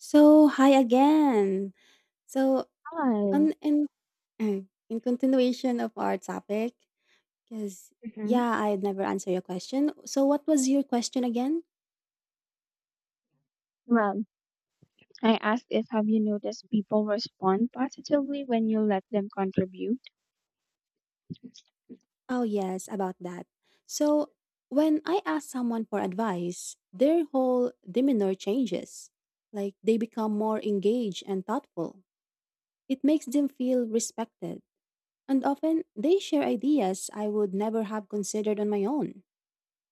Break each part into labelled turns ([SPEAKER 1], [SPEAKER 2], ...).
[SPEAKER 1] So, hi again. So,
[SPEAKER 2] Hi.
[SPEAKER 1] on in uh, in continuation of our topic, because yeah,
[SPEAKER 2] hmm
[SPEAKER 1] I had never answered your question. So, what was your question again?
[SPEAKER 2] Well, I asked if have you noticed people respond positively when you let them contribute?
[SPEAKER 1] Oh, yes, about that. So, when I ask someone for advice, their whole demeanor changes. Like they become more engaged and thoughtful. It makes them feel respected. And often they share ideas I would never have considered on my own.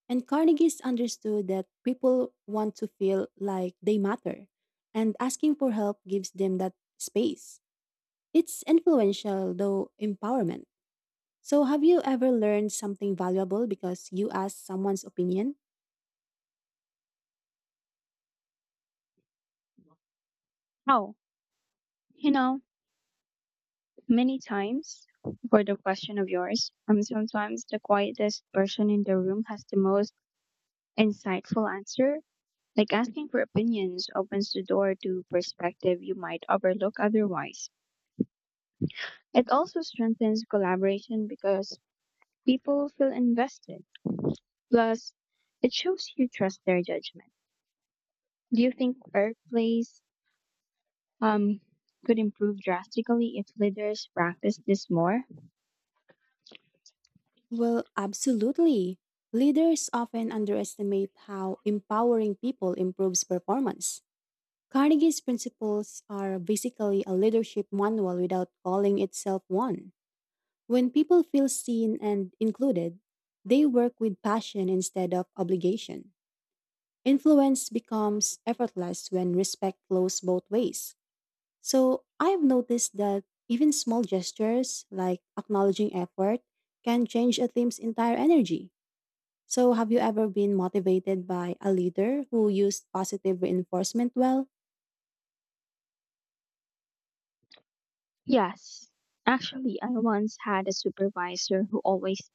[SPEAKER 1] And Carnegie's understood that people want to feel like they matter, and asking for help gives them that space. It's influential, though empowerment. So, have you ever learned something valuable because you asked someone's opinion?
[SPEAKER 2] Oh, you know, many times for the question of yours, sometimes the quietest person in the room has the most insightful answer. Like asking for opinions opens the door to perspective you might overlook otherwise. It also strengthens collaboration because people feel invested. Plus, it shows you trust their judgment. Do you think workplace um could improve drastically if leaders practice this more?
[SPEAKER 1] Well, absolutely. Leaders often underestimate how empowering people improves performance. Carnegie's principles are basically a leadership manual without calling itself one. When people feel seen and included, they work with passion instead of obligation. Influence becomes effortless when respect flows both ways. So I've noticed that even small gestures like acknowledging effort can change a team's entire energy. So, have you ever been motivated by a leader who used positive reinforcement well?
[SPEAKER 2] Yes. Actually, I once had a supervisor who always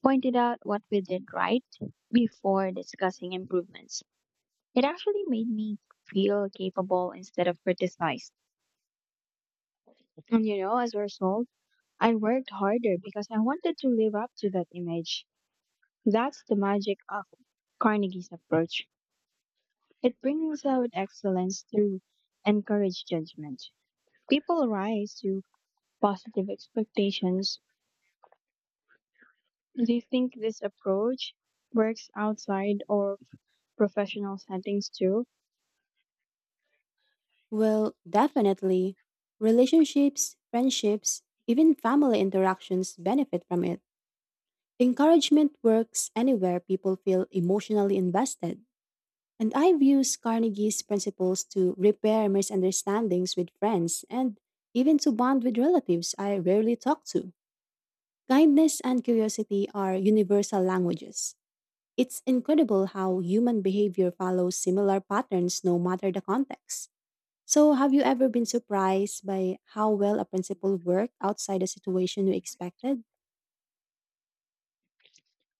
[SPEAKER 2] pointed out what we did right before discussing improvements. It actually made me feel capable instead of criticized. And you know, as a result, I worked harder because I wanted to live up to that image. That's the magic of Carnegie's approach. It brings out excellence through encourage judgment. People rise to positive expectations. Do you think this approach works outside or professional settings too?
[SPEAKER 1] Well, definitely. Relationships, friendships, even family interactions benefit from it. Encouragement works anywhere people feel emotionally invested. And I've used Carnegie's principles to repair misunderstandings with friends and even to bond with relatives I rarely talk to. Kindness and curiosity are universal languages. It's incredible how human behavior follows similar patterns no matter the context. So, have you ever been surprised by how well a principle worked outside the situation you expected?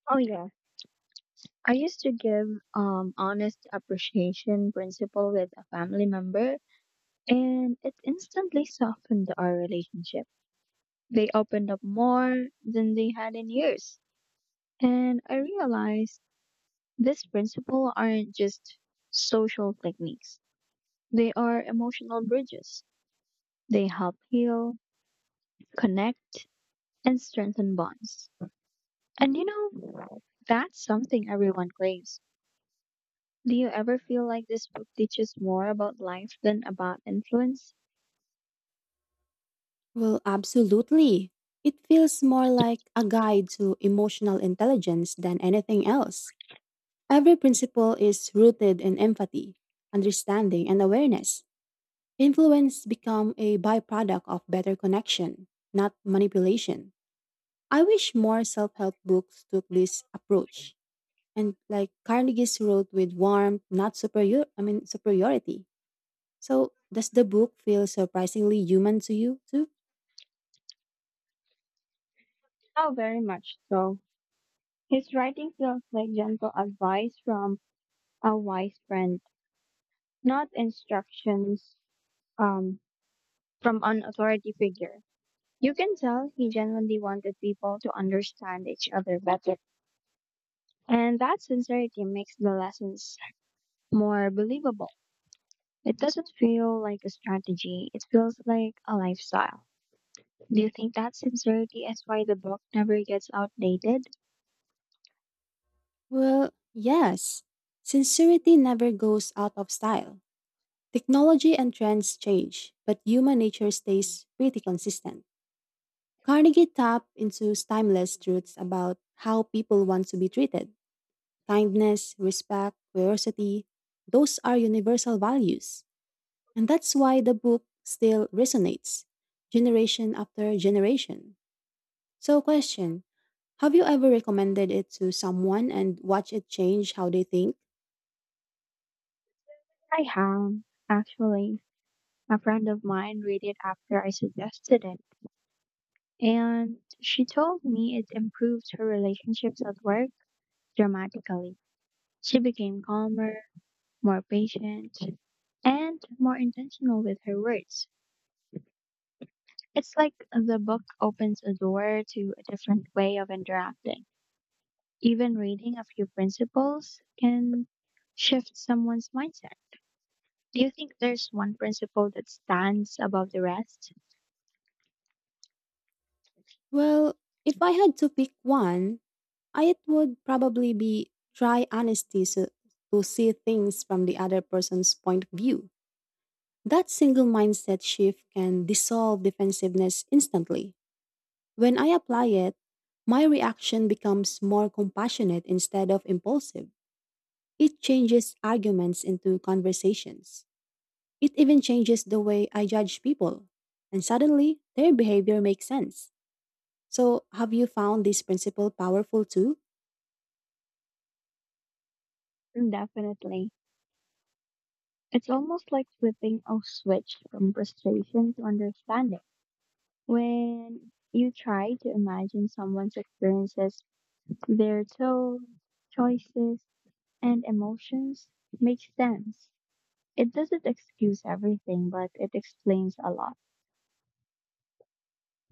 [SPEAKER 2] Oh yeah. I used to give honest appreciation principle with a family member, and it instantly softened our relationship. They opened up more than they had in years. And I realized these principles aren't just social techniques, they are emotional bridges. They help heal, connect, and strengthen bonds. And you know, that's something everyone craves. Do you ever feel like this book teaches more about life than about influence?
[SPEAKER 1] Well, absolutely. It feels more like a guide to emotional intelligence than anything else. Every principle is rooted in empathy, understanding, and awareness. Influence become a byproduct of better connection, not manipulation. I wish more self-help books took this approach. And like Carnegie's wrote with warmth, not superiority. So does the book feel surprisingly human to you too?
[SPEAKER 2] Oh, very much so. His writing feels like gentle advice from a wise friend, not instructions um, from an authority figure. You can tell he genuinely wanted people to understand each other better. And that sincerity makes the lessons more believable. It doesn't feel like a strategy, it feels like a lifestyle. Do you think that sincerity is why the book never gets outdated?
[SPEAKER 1] Well, yes. Sincerity never goes out of style. Technology and trends change, but human nature stays pretty consistent. Carnegie tapped into timeless truths about how people want to be treated. Kindness, respect, curiosity, those are universal values. And that's why the book still resonates, generation after generation. So, question have you ever recommended it to someone and watched it change how they think?
[SPEAKER 2] I have, actually. A friend of mine read it after I suggested it, and she told me it improved her relationships at work dramatically. She became calmer, more patient, and more intentional with her words. It's like the book opens a door to a different way of interacting. Even reading a few principles can shift someone's mindset. Do you think there's one principle that stands above the rest?
[SPEAKER 1] Well, if I had to pick one, it would probably be try honesty so, to see things from the other person's point of view. That single mindset shift can dissolve defensiveness instantly. When I apply it, my reaction becomes more compassionate instead of impulsive. It changes arguments into conversations. It even changes the way I judge people. And suddenly, their behavior makes sense. So, have you found this principle powerful too?
[SPEAKER 2] Definitely. It's almost like flipping a switch from frustration to understanding. When you try to imagine someone's experiences, their tone, choices, and emotions make sense. It doesn't excuse everything, but it explains a lot.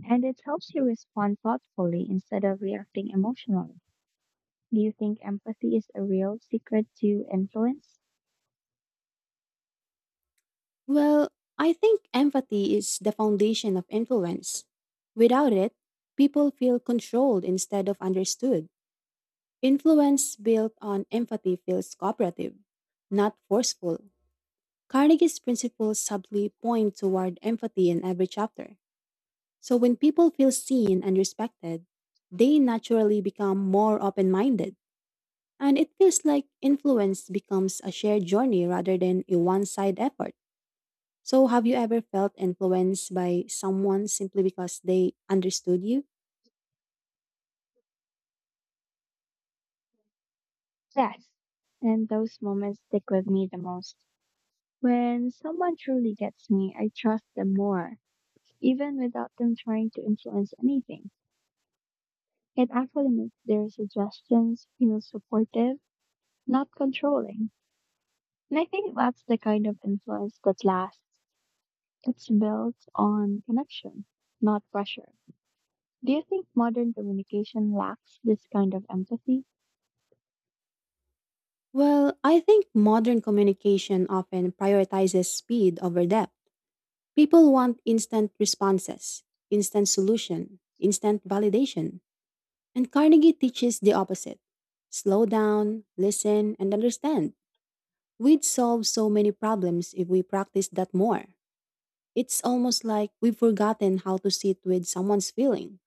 [SPEAKER 2] And it helps you respond thoughtfully instead of reacting emotionally. Do you think empathy is a real secret to influence?
[SPEAKER 1] Well, I think empathy is the foundation of influence. Without it, people feel controlled instead of understood. Influence built on empathy feels cooperative, not forceful. Carnegie's principles subtly point toward empathy in every chapter. So when people feel seen and respected, they naturally become more open minded. And it feels like influence becomes a shared journey rather than a one side effort. So, have you ever felt influenced by someone simply because they understood you?
[SPEAKER 2] Yes. And those moments stick with me the most. When someone truly gets me, I trust them more, even without them trying to influence anything. It actually makes their suggestions feel supportive, not controlling. And I think that's the kind of influence that lasts. It's built on connection, not pressure. Do you think modern communication lacks this kind of empathy?
[SPEAKER 1] Well, I think modern communication often prioritizes speed over depth. People want instant responses, instant solution, instant validation. And Carnegie teaches the opposite. Slow down, listen, and understand. We'd solve so many problems if we practiced that more. It's almost like we've forgotten how to sit with someone's feeling.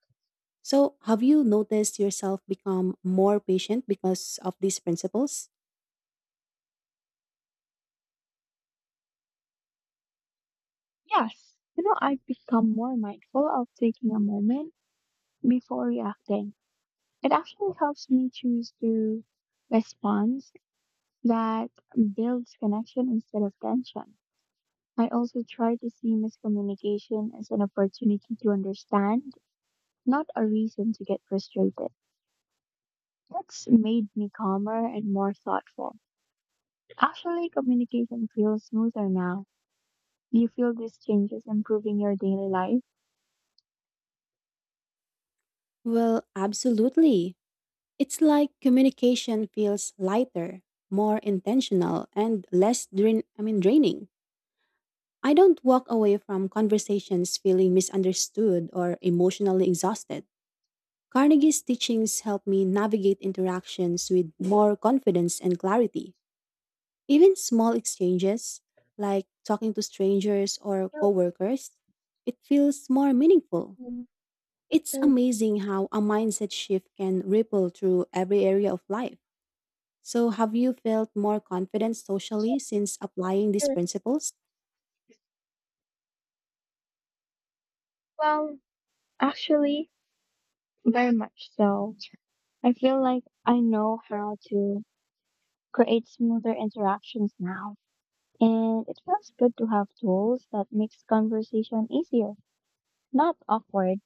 [SPEAKER 1] So, have you noticed yourself become more patient because of these principles?
[SPEAKER 2] Yes. You know, I've become more mindful of taking a moment before reacting. It actually helps me choose to response that builds connection instead of tension. I also try to see miscommunication as an opportunity to understand, not a reason to get frustrated. That's made me calmer and more thoughtful. Actually, communication feels smoother now. Do you feel these changes improving your daily life?
[SPEAKER 1] Well, absolutely. It's like communication feels lighter, more intentional, and less draining. I don't walk away from conversations feeling misunderstood or emotionally exhausted. Carnegie's teachings help me navigate interactions with more confidence and clarity. Even small exchanges, like talking to strangers or
[SPEAKER 2] Sure,
[SPEAKER 1] coworkers, it feels more meaningful.
[SPEAKER 2] um,
[SPEAKER 1] It's
[SPEAKER 2] um,
[SPEAKER 1] amazing how a mindset shift can ripple through every area of life. So, have you felt more confident socially since applying these
[SPEAKER 2] sure.
[SPEAKER 1] principles?
[SPEAKER 2] Well, actually, very much so. I feel like I know how to create smoother interactions now. And it feels good to have tools that makes conversation easier, not awkward.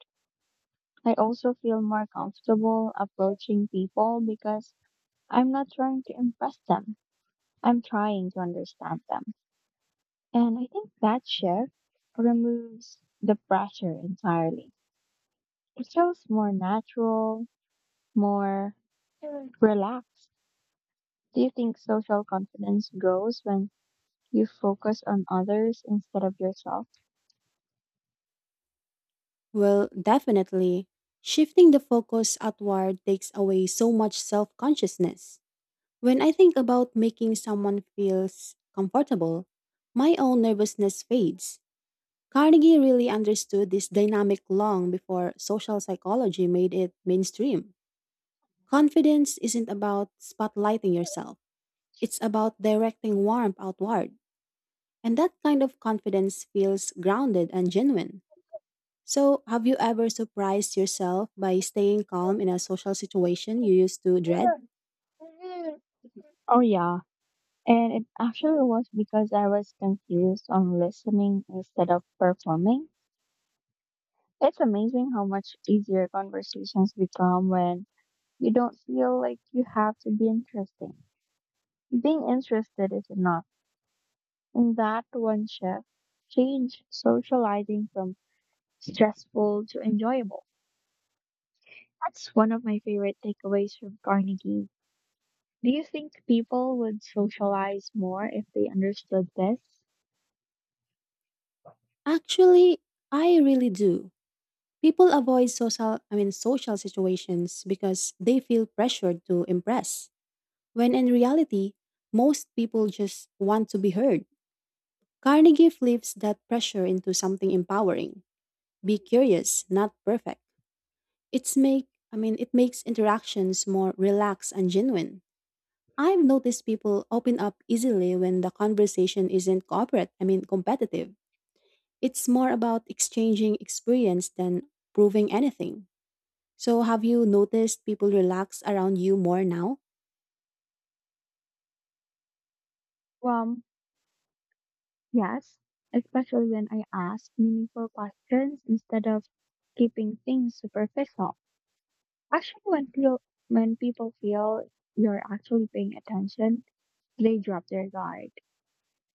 [SPEAKER 2] I also feel more comfortable approaching people because I'm not trying to impress them. I'm trying to understand them. And I think that shift removes the pressure entirely. It feels more natural, more relaxed. Do you think social confidence grows when you focus on others instead of yourself?
[SPEAKER 1] Well, definitely. Shifting the focus outward takes away so much self consciousness. When I think about making someone feel comfortable, my own nervousness fades. Carnegie really understood this dynamic long before social psychology made it mainstream. Confidence isn't about spotlighting yourself, it's about directing warmth outward. And that kind of confidence feels grounded and genuine. So, have you ever surprised yourself by staying calm in a social situation you used to dread?
[SPEAKER 2] Oh, yeah. And it actually was because I was confused on listening instead of performing. It's amazing how much easier conversations become when you don't feel like you have to be interesting. Being interested is enough. And that one shift changed socializing from stressful to enjoyable. That's one of my favorite takeaways from Carnegie. Do you think people would socialize more if they understood this?
[SPEAKER 1] Actually, I really do. People avoid social, I mean social situations because they feel pressured to impress. When in reality, most people just want to be heard. Carnegie flips that pressure into something empowering. Be curious, not perfect. It's make it makes interactions more relaxed and genuine. I've noticed people open up easily when the conversation isn't corporate, I mean competitive. It's more about exchanging experience than proving anything. So, have you noticed people relax around you more now?
[SPEAKER 2] Um, yes, especially when I ask meaningful questions instead of keeping things superficial. Actually, when people feel you're actually paying attention, they drop their guard.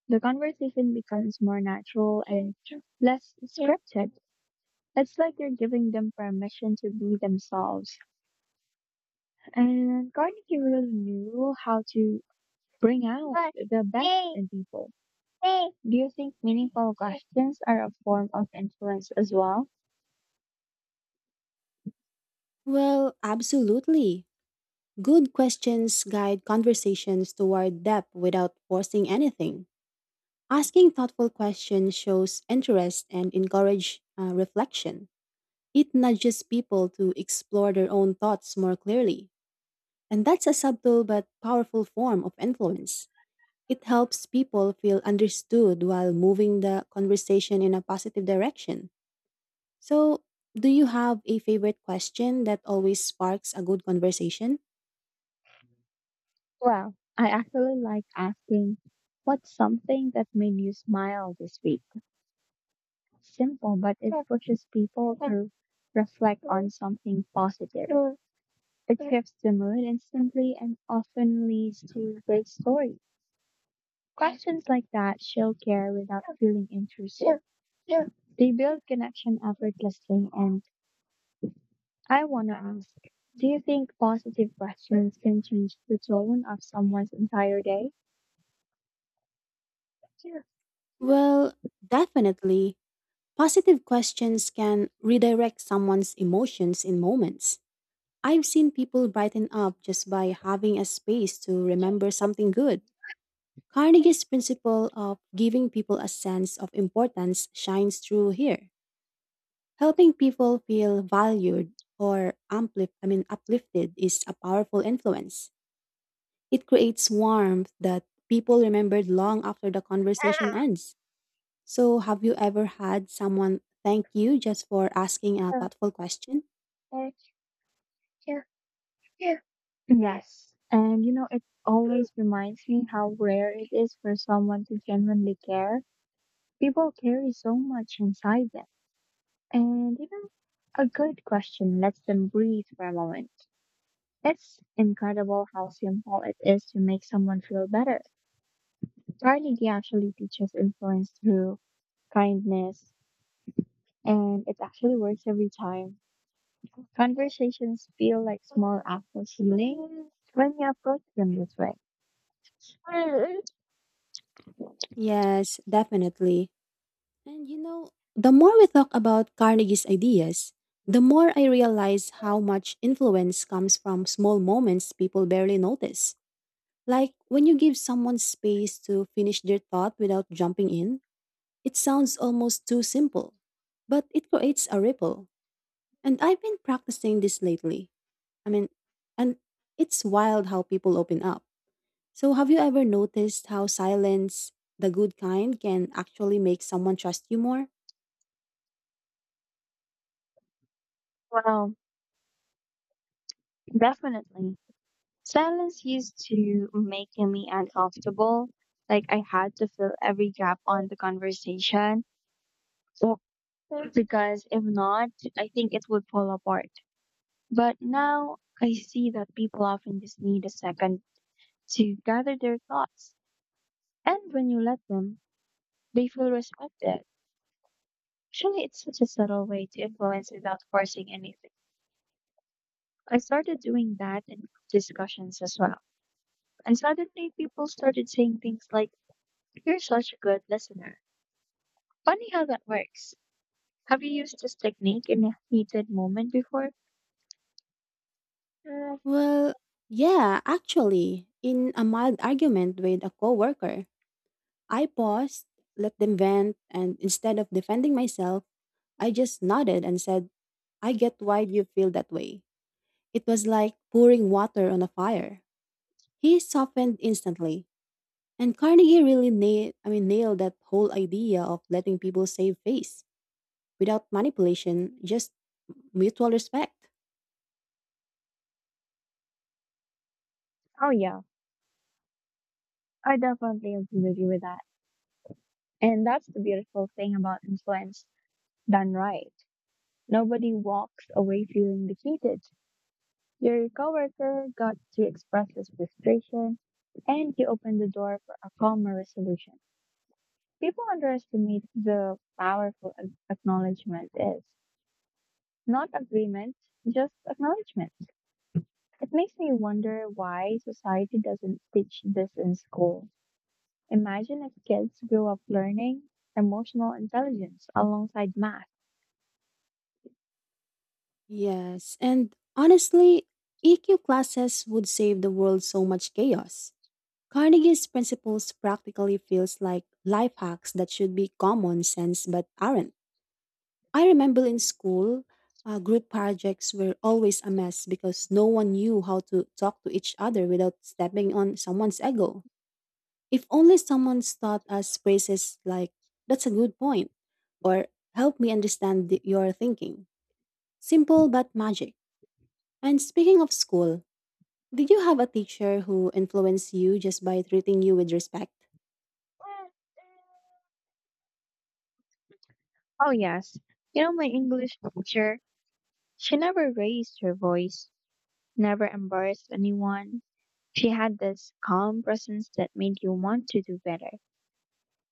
[SPEAKER 2] The conversation becomes more natural and less scripted. It's like you're giving them permission to be themselves. And Carnegie really knew how to bring out the best in people. Do you think meaningful questions are a form of influence as well?
[SPEAKER 1] Well, absolutely. Good questions guide conversations toward depth without forcing anything. Asking thoughtful questions shows interest and encourage reflection. It nudges people to explore their own thoughts more clearly, and that's a subtle but powerful form of influence. It helps people feel understood while moving the conversation in a positive direction. So, do you have a favorite question that always sparks a good conversation?
[SPEAKER 2] Well, I actually like asking, what's something that made you smile this week? Simple, but it pushes people to reflect on something positive. It shifts the mood instantly and often leads to great stories. Questions like that show care without feeling intrusive. They build connection effortlessly, and I want to ask, do you think positive questions can change the tone of someone's entire day? Yes.
[SPEAKER 1] Well, definitely. Positive questions can redirect someone's emotions in moments. I've seen people brighten up just by having a space to remember something good. Carnegie's principle of giving people a sense of importance shines through here. Helping people feel valued or uplifted is a powerful influence. It creates warmth that people remembered long after the conversation ends. So, have you ever had someone thank you just for asking a thoughtful question?
[SPEAKER 2] And you know, it always reminds me how rare it is for someone to genuinely care. People carry so much inside them. And you know, a good question lets them breathe for a moment. It's incredible how simple it is to make someone feel better. Carnegie actually teaches influence through kindness, and it actually works every time. Conversations feel like small acts of healing when you approach them this way. Mm.
[SPEAKER 1] Yes, definitely. And you know, the more we talk about Carnegie's ideas, the more I realize how much influence comes from small moments people barely notice. Like when you give someone space to finish their thought without jumping in, it sounds almost too simple, but it creates a ripple. And I've been practicing this lately. I mean, and it's wild how people open up. So, have you ever noticed how silence, the good kind, can actually make someone trust you more?
[SPEAKER 2] Well, definitely. Silence used to make me uncomfortable. Like I had to fill every gap on the conversation. Well, because if not, I think it would fall apart. But now I see that people often just need a second to gather their thoughts. And when you let them, they feel respected. Actually, it's such a subtle way to influence without forcing anything. I started doing that in discussions as well. And suddenly people started saying things like, you're such a good listener. Funny how that works. Have you used this technique in a heated moment before? Uh,
[SPEAKER 1] Well, yeah, actually, in a mild argument with a coworker, I paused, let them vent, and instead of defending myself, I just nodded and said, "I get why you feel that way." It was like pouring water on a fire. He softened instantly, and Carnegie really nailed that whole idea of letting people save face without manipulation, just mutual respect.
[SPEAKER 2] oh, yeah. I definitely agree with you with that. And that's the beautiful thing about influence done right. Nobody walks away feeling defeated. Your coworker got to express his frustration and he opened the door for a calmer resolution. People underestimate the powerful acknowledgement is. Not agreement, just acknowledgement. It makes me wonder why society doesn't teach this in school. Imagine if kids grew up learning emotional intelligence alongside math.
[SPEAKER 1] Yes, and honestly, EQ classes would save the world so much chaos. Carnegie's principles practically feels like life hacks that should be common sense but aren't. I remember in school, group projects were always a mess because no one knew how to talk to each other without stepping on someone's ego. If only someone's taught us phrases like, "that's a good point," or "help me understand your thinking." Simple but magic. And speaking of school, did you have a teacher who influenced you just by treating you with respect?
[SPEAKER 2] Oh, yes. You know, my English teacher, she never raised her voice, never embarrassed anyone. She had this calm presence that made you want to do better.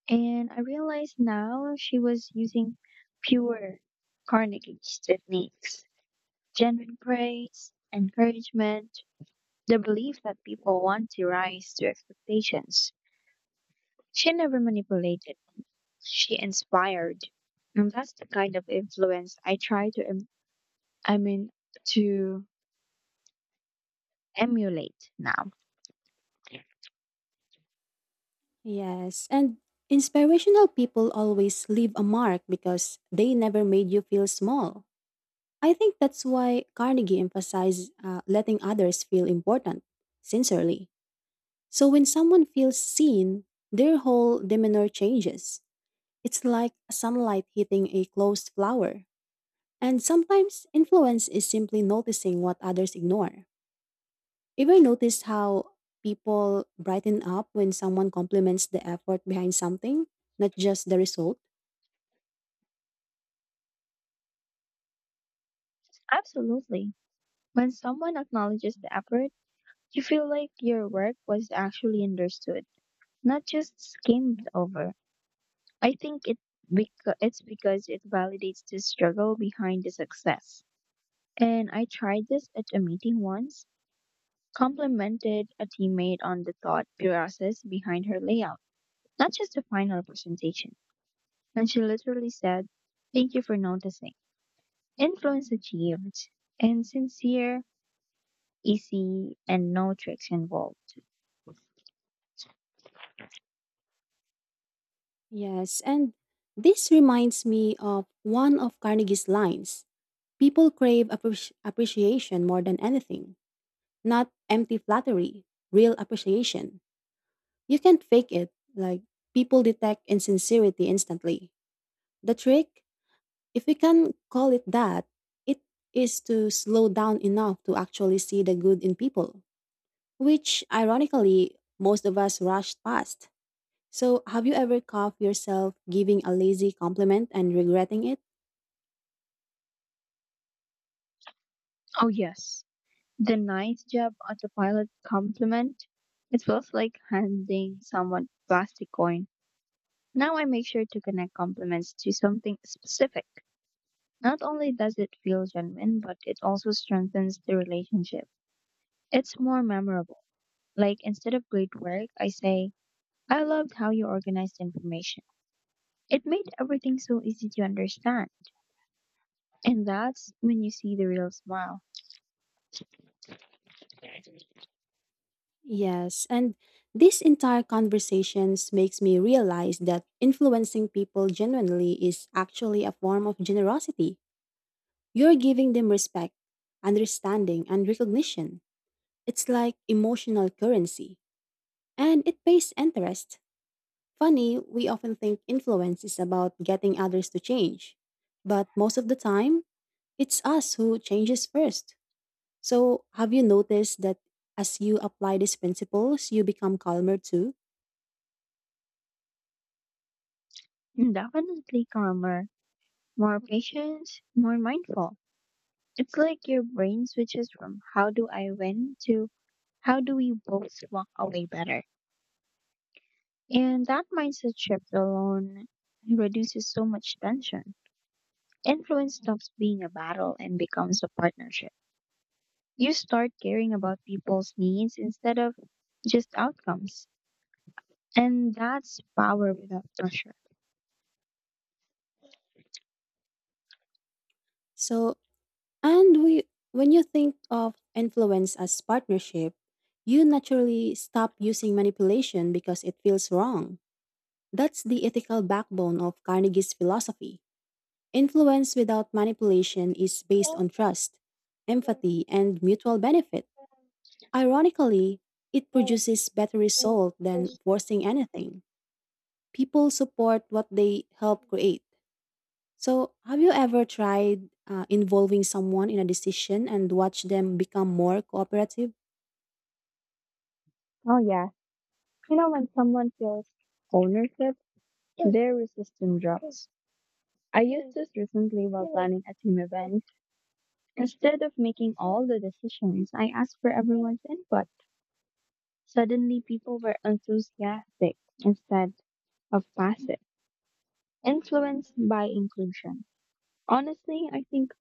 [SPEAKER 2] And I realize now she was using pure Carnegie's techniques, genuine praise, encouragement, the belief that people want to rise to expectations. She never manipulated, she inspired. And that's the kind of influence I try to, I mean, to emulate now.
[SPEAKER 1] Yes, and inspirational people always leave a mark because they never made you feel small. I think that's why Carnegie emphasized letting others feel important, sincerely. So when someone feels seen, their whole demeanor changes. It's like sunlight hitting a closed flower. And sometimes influence is simply noticing what others ignore. Ever noticed how people brighten up when someone compliments the effort behind something, not just the result?
[SPEAKER 2] Absolutely. When someone acknowledges the effort, you feel like your work was actually understood, not just skimmed over. I think it's because it validates the struggle behind the success. And I tried this at a meeting once, complimented a teammate on the thought process behind her layout, not just a final presentation. And she literally said, thank you for noticing. Influence achieved. And sincere, easy, and no tricks involved.
[SPEAKER 1] Yes, and this reminds me of one of Carnegie's lines. People crave appreciation more than anything, not empty flattery, real appreciation. You can't fake it, like, people detect insincerity instantly. The trick, if we can call it that, it is to slow down enough to actually see the good in people, which ironically most of us rushed past. So, have you ever caught yourself giving a lazy compliment and regretting it?
[SPEAKER 2] Oh, yes. The nice job autopilot compliment. It feels like handing someone a plastic coin. Now I make sure to connect compliments to something specific. Not only does it feel genuine, but it also strengthens the relationship. It's more memorable. Like instead of great work, I say, I loved how you organized information. It made everything so easy to understand. And that's when you see the real smile.
[SPEAKER 1] Yes, and this entire conversations makes me realize that influencing people genuinely is actually a form of generosity. You're giving them respect, understanding, and recognition. It's like emotional currency, and it pays interest. Funny, we often think influence is about getting others to change, but most of the time, it's us who changes first. So, have you noticed that as you apply these principles, you become calmer too?
[SPEAKER 2] And definitely calmer, more patient, more mindful. It's like your brain switches from how do I win to how do we both walk away better? And that mindset shift alone reduces so much tension. Influence stops being a battle and becomes a partnership. You start caring about people's needs instead of just outcomes. And that's power without pressure.
[SPEAKER 1] So, and we when you think of influence as partnership, you naturally stop using manipulation because it feels wrong. That's the ethical backbone of Carnegie's philosophy. Influence without manipulation is based
[SPEAKER 2] Oh,
[SPEAKER 1] on trust, empathy, and mutual benefit. Ironically, it produces better result than forcing anything. People support what they help create. So, have you ever tried involving someone in a decision and watch them become more cooperative?
[SPEAKER 2] yeah. You know, when someone feels ownership, their resistance drops. I used this recently while planning a team event. Instead of making all the decisions, I asked for everyone's input. Suddenly, people were enthusiastic instead of passive, influenced by inclusion. Honestly, I think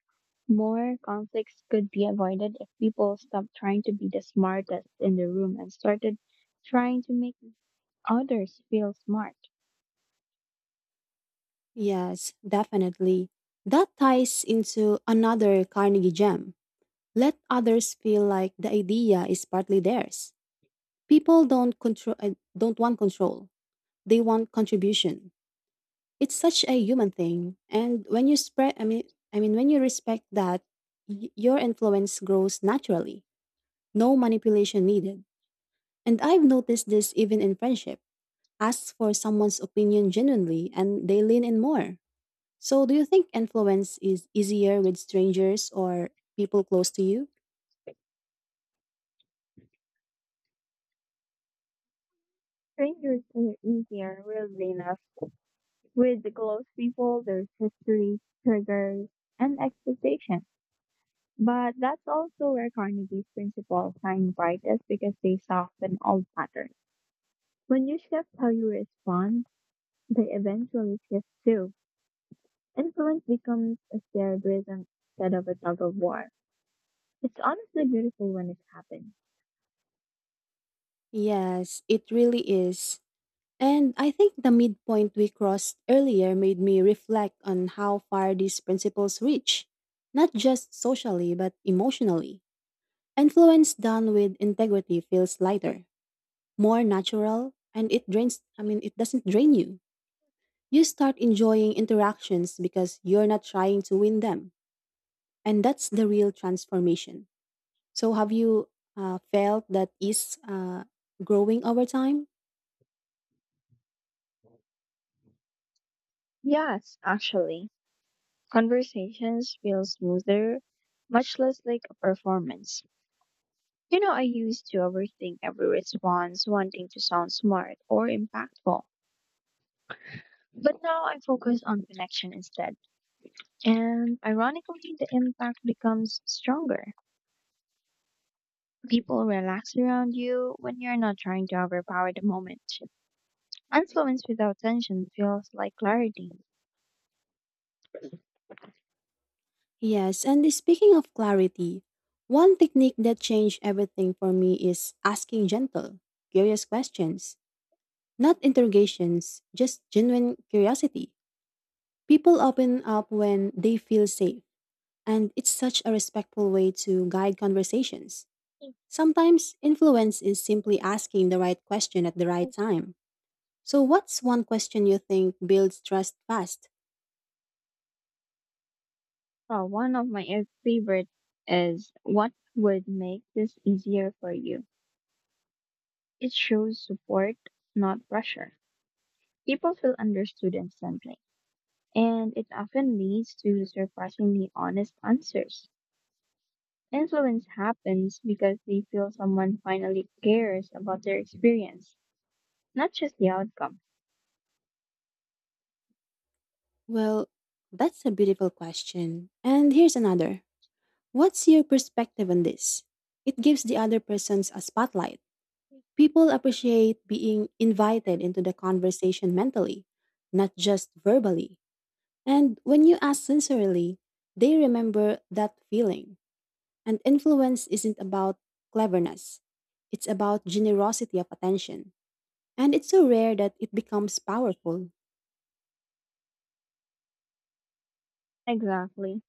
[SPEAKER 2] more conflicts could be avoided if people stopped trying to be the smartest in the room and started trying to make others feel smart.
[SPEAKER 1] Yes, definitely. That ties into another Carnegie gem. Let others feel like the idea is partly theirs. People don't control don't want control. They want contribution. It's such a human thing. And when you spread I mean when you respect that your influence grows naturally. No manipulation needed. And I've noticed this even in friendship. Ask for someone's opinion genuinely and they lean in more. So do you think influence is easier with strangers or people close to you?
[SPEAKER 2] Strangers are easier, weirdly enough. With the close people, there's history, triggers, and expectations. But that's also where Carnegie's principles shine brightest because they soften old patterns. When you shift how you respond, they eventually shift too. Influence becomes a shared rhythm instead of a tug of war. It's honestly beautiful when it happens.
[SPEAKER 1] Yes, it really is. And I think the midpoint we crossed earlier made me reflect on how far these principles reach, not just socially but emotionally. Influence done with integrity feels lighter, more natural, and it doesn't drain you. You start enjoying interactions because you're not trying to win them. And that's the real transformation. So, have you felt that is growing over time?
[SPEAKER 2] Yes, actually. Conversations feel smoother, much less like a performance. You know, I used to overthink every response, wanting to sound smart or impactful. But now I focus on connection instead. And ironically, the impact becomes stronger. People relax around you when you're not trying to overpower the moment. Influence without tension feels like clarity.
[SPEAKER 1] Yes, and speaking of clarity, one technique that changed everything for me is asking gentle, curious questions, not interrogations, just genuine curiosity. People open up when they feel safe, and it's such a respectful way to guide conversations. Sometimes influence is simply asking the right question at the right time. So, what's one question you think builds trust fast?
[SPEAKER 2] Oh, one of my favorite is what would make this easier for you. It shows support, not pressure. People feel understood instantly, and it often leads to surprisingly honest answers. Influence happens because they feel someone finally cares about their experience, not just the outcome.
[SPEAKER 1] Well, that's a beautiful question. And here's another. What's your perspective on this? It gives the other persons a spotlight. People appreciate being invited into the conversation mentally, not just verbally. And when you ask sincerely, they remember that feeling. And influence isn't about cleverness, it's about generosity of attention. And it's so rare that it becomes powerful.
[SPEAKER 2] Exactly.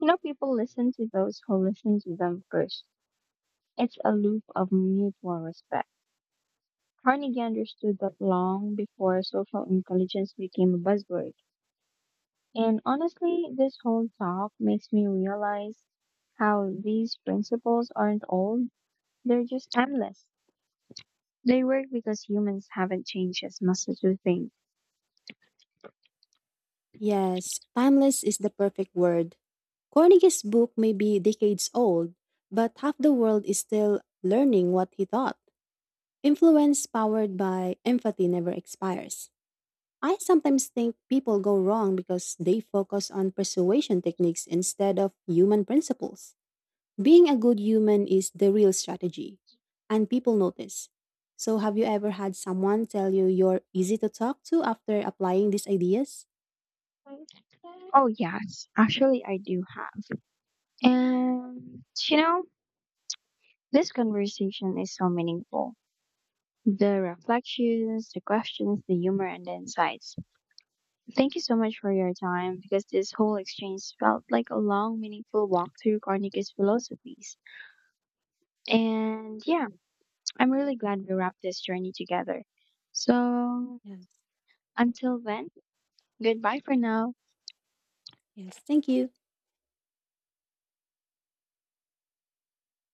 [SPEAKER 2] You know, people listen to those who listen to them first. It's a loop of mutual respect. Carnegie understood that long before social intelligence became a buzzword. And honestly, this whole talk makes me realize how these principles aren't old, they're just timeless. They work because humans haven't changed as much as we think.
[SPEAKER 1] Yes, timeless is the perfect word. Carnegie's book may be decades old, but half the world is still learning what he thought. Influence powered by empathy never expires. I sometimes think people go wrong because they focus on persuasion techniques instead of human principles. Being a good human is the real strategy, and people notice. So, have you ever had someone tell you you're easy to talk to after applying these ideas?
[SPEAKER 2] Oh, yes, actually, I do have. And, you know, this conversation is so meaningful. The reflections, the questions, the humor, and the insights. Thank you so much for your time because this whole exchange felt like a long, meaningful walk through Carnegie's philosophies. And yeah, I'm really glad we wrapped this journey together. So
[SPEAKER 1] Yes,
[SPEAKER 2] until then, goodbye for now.
[SPEAKER 1] yes, thank you.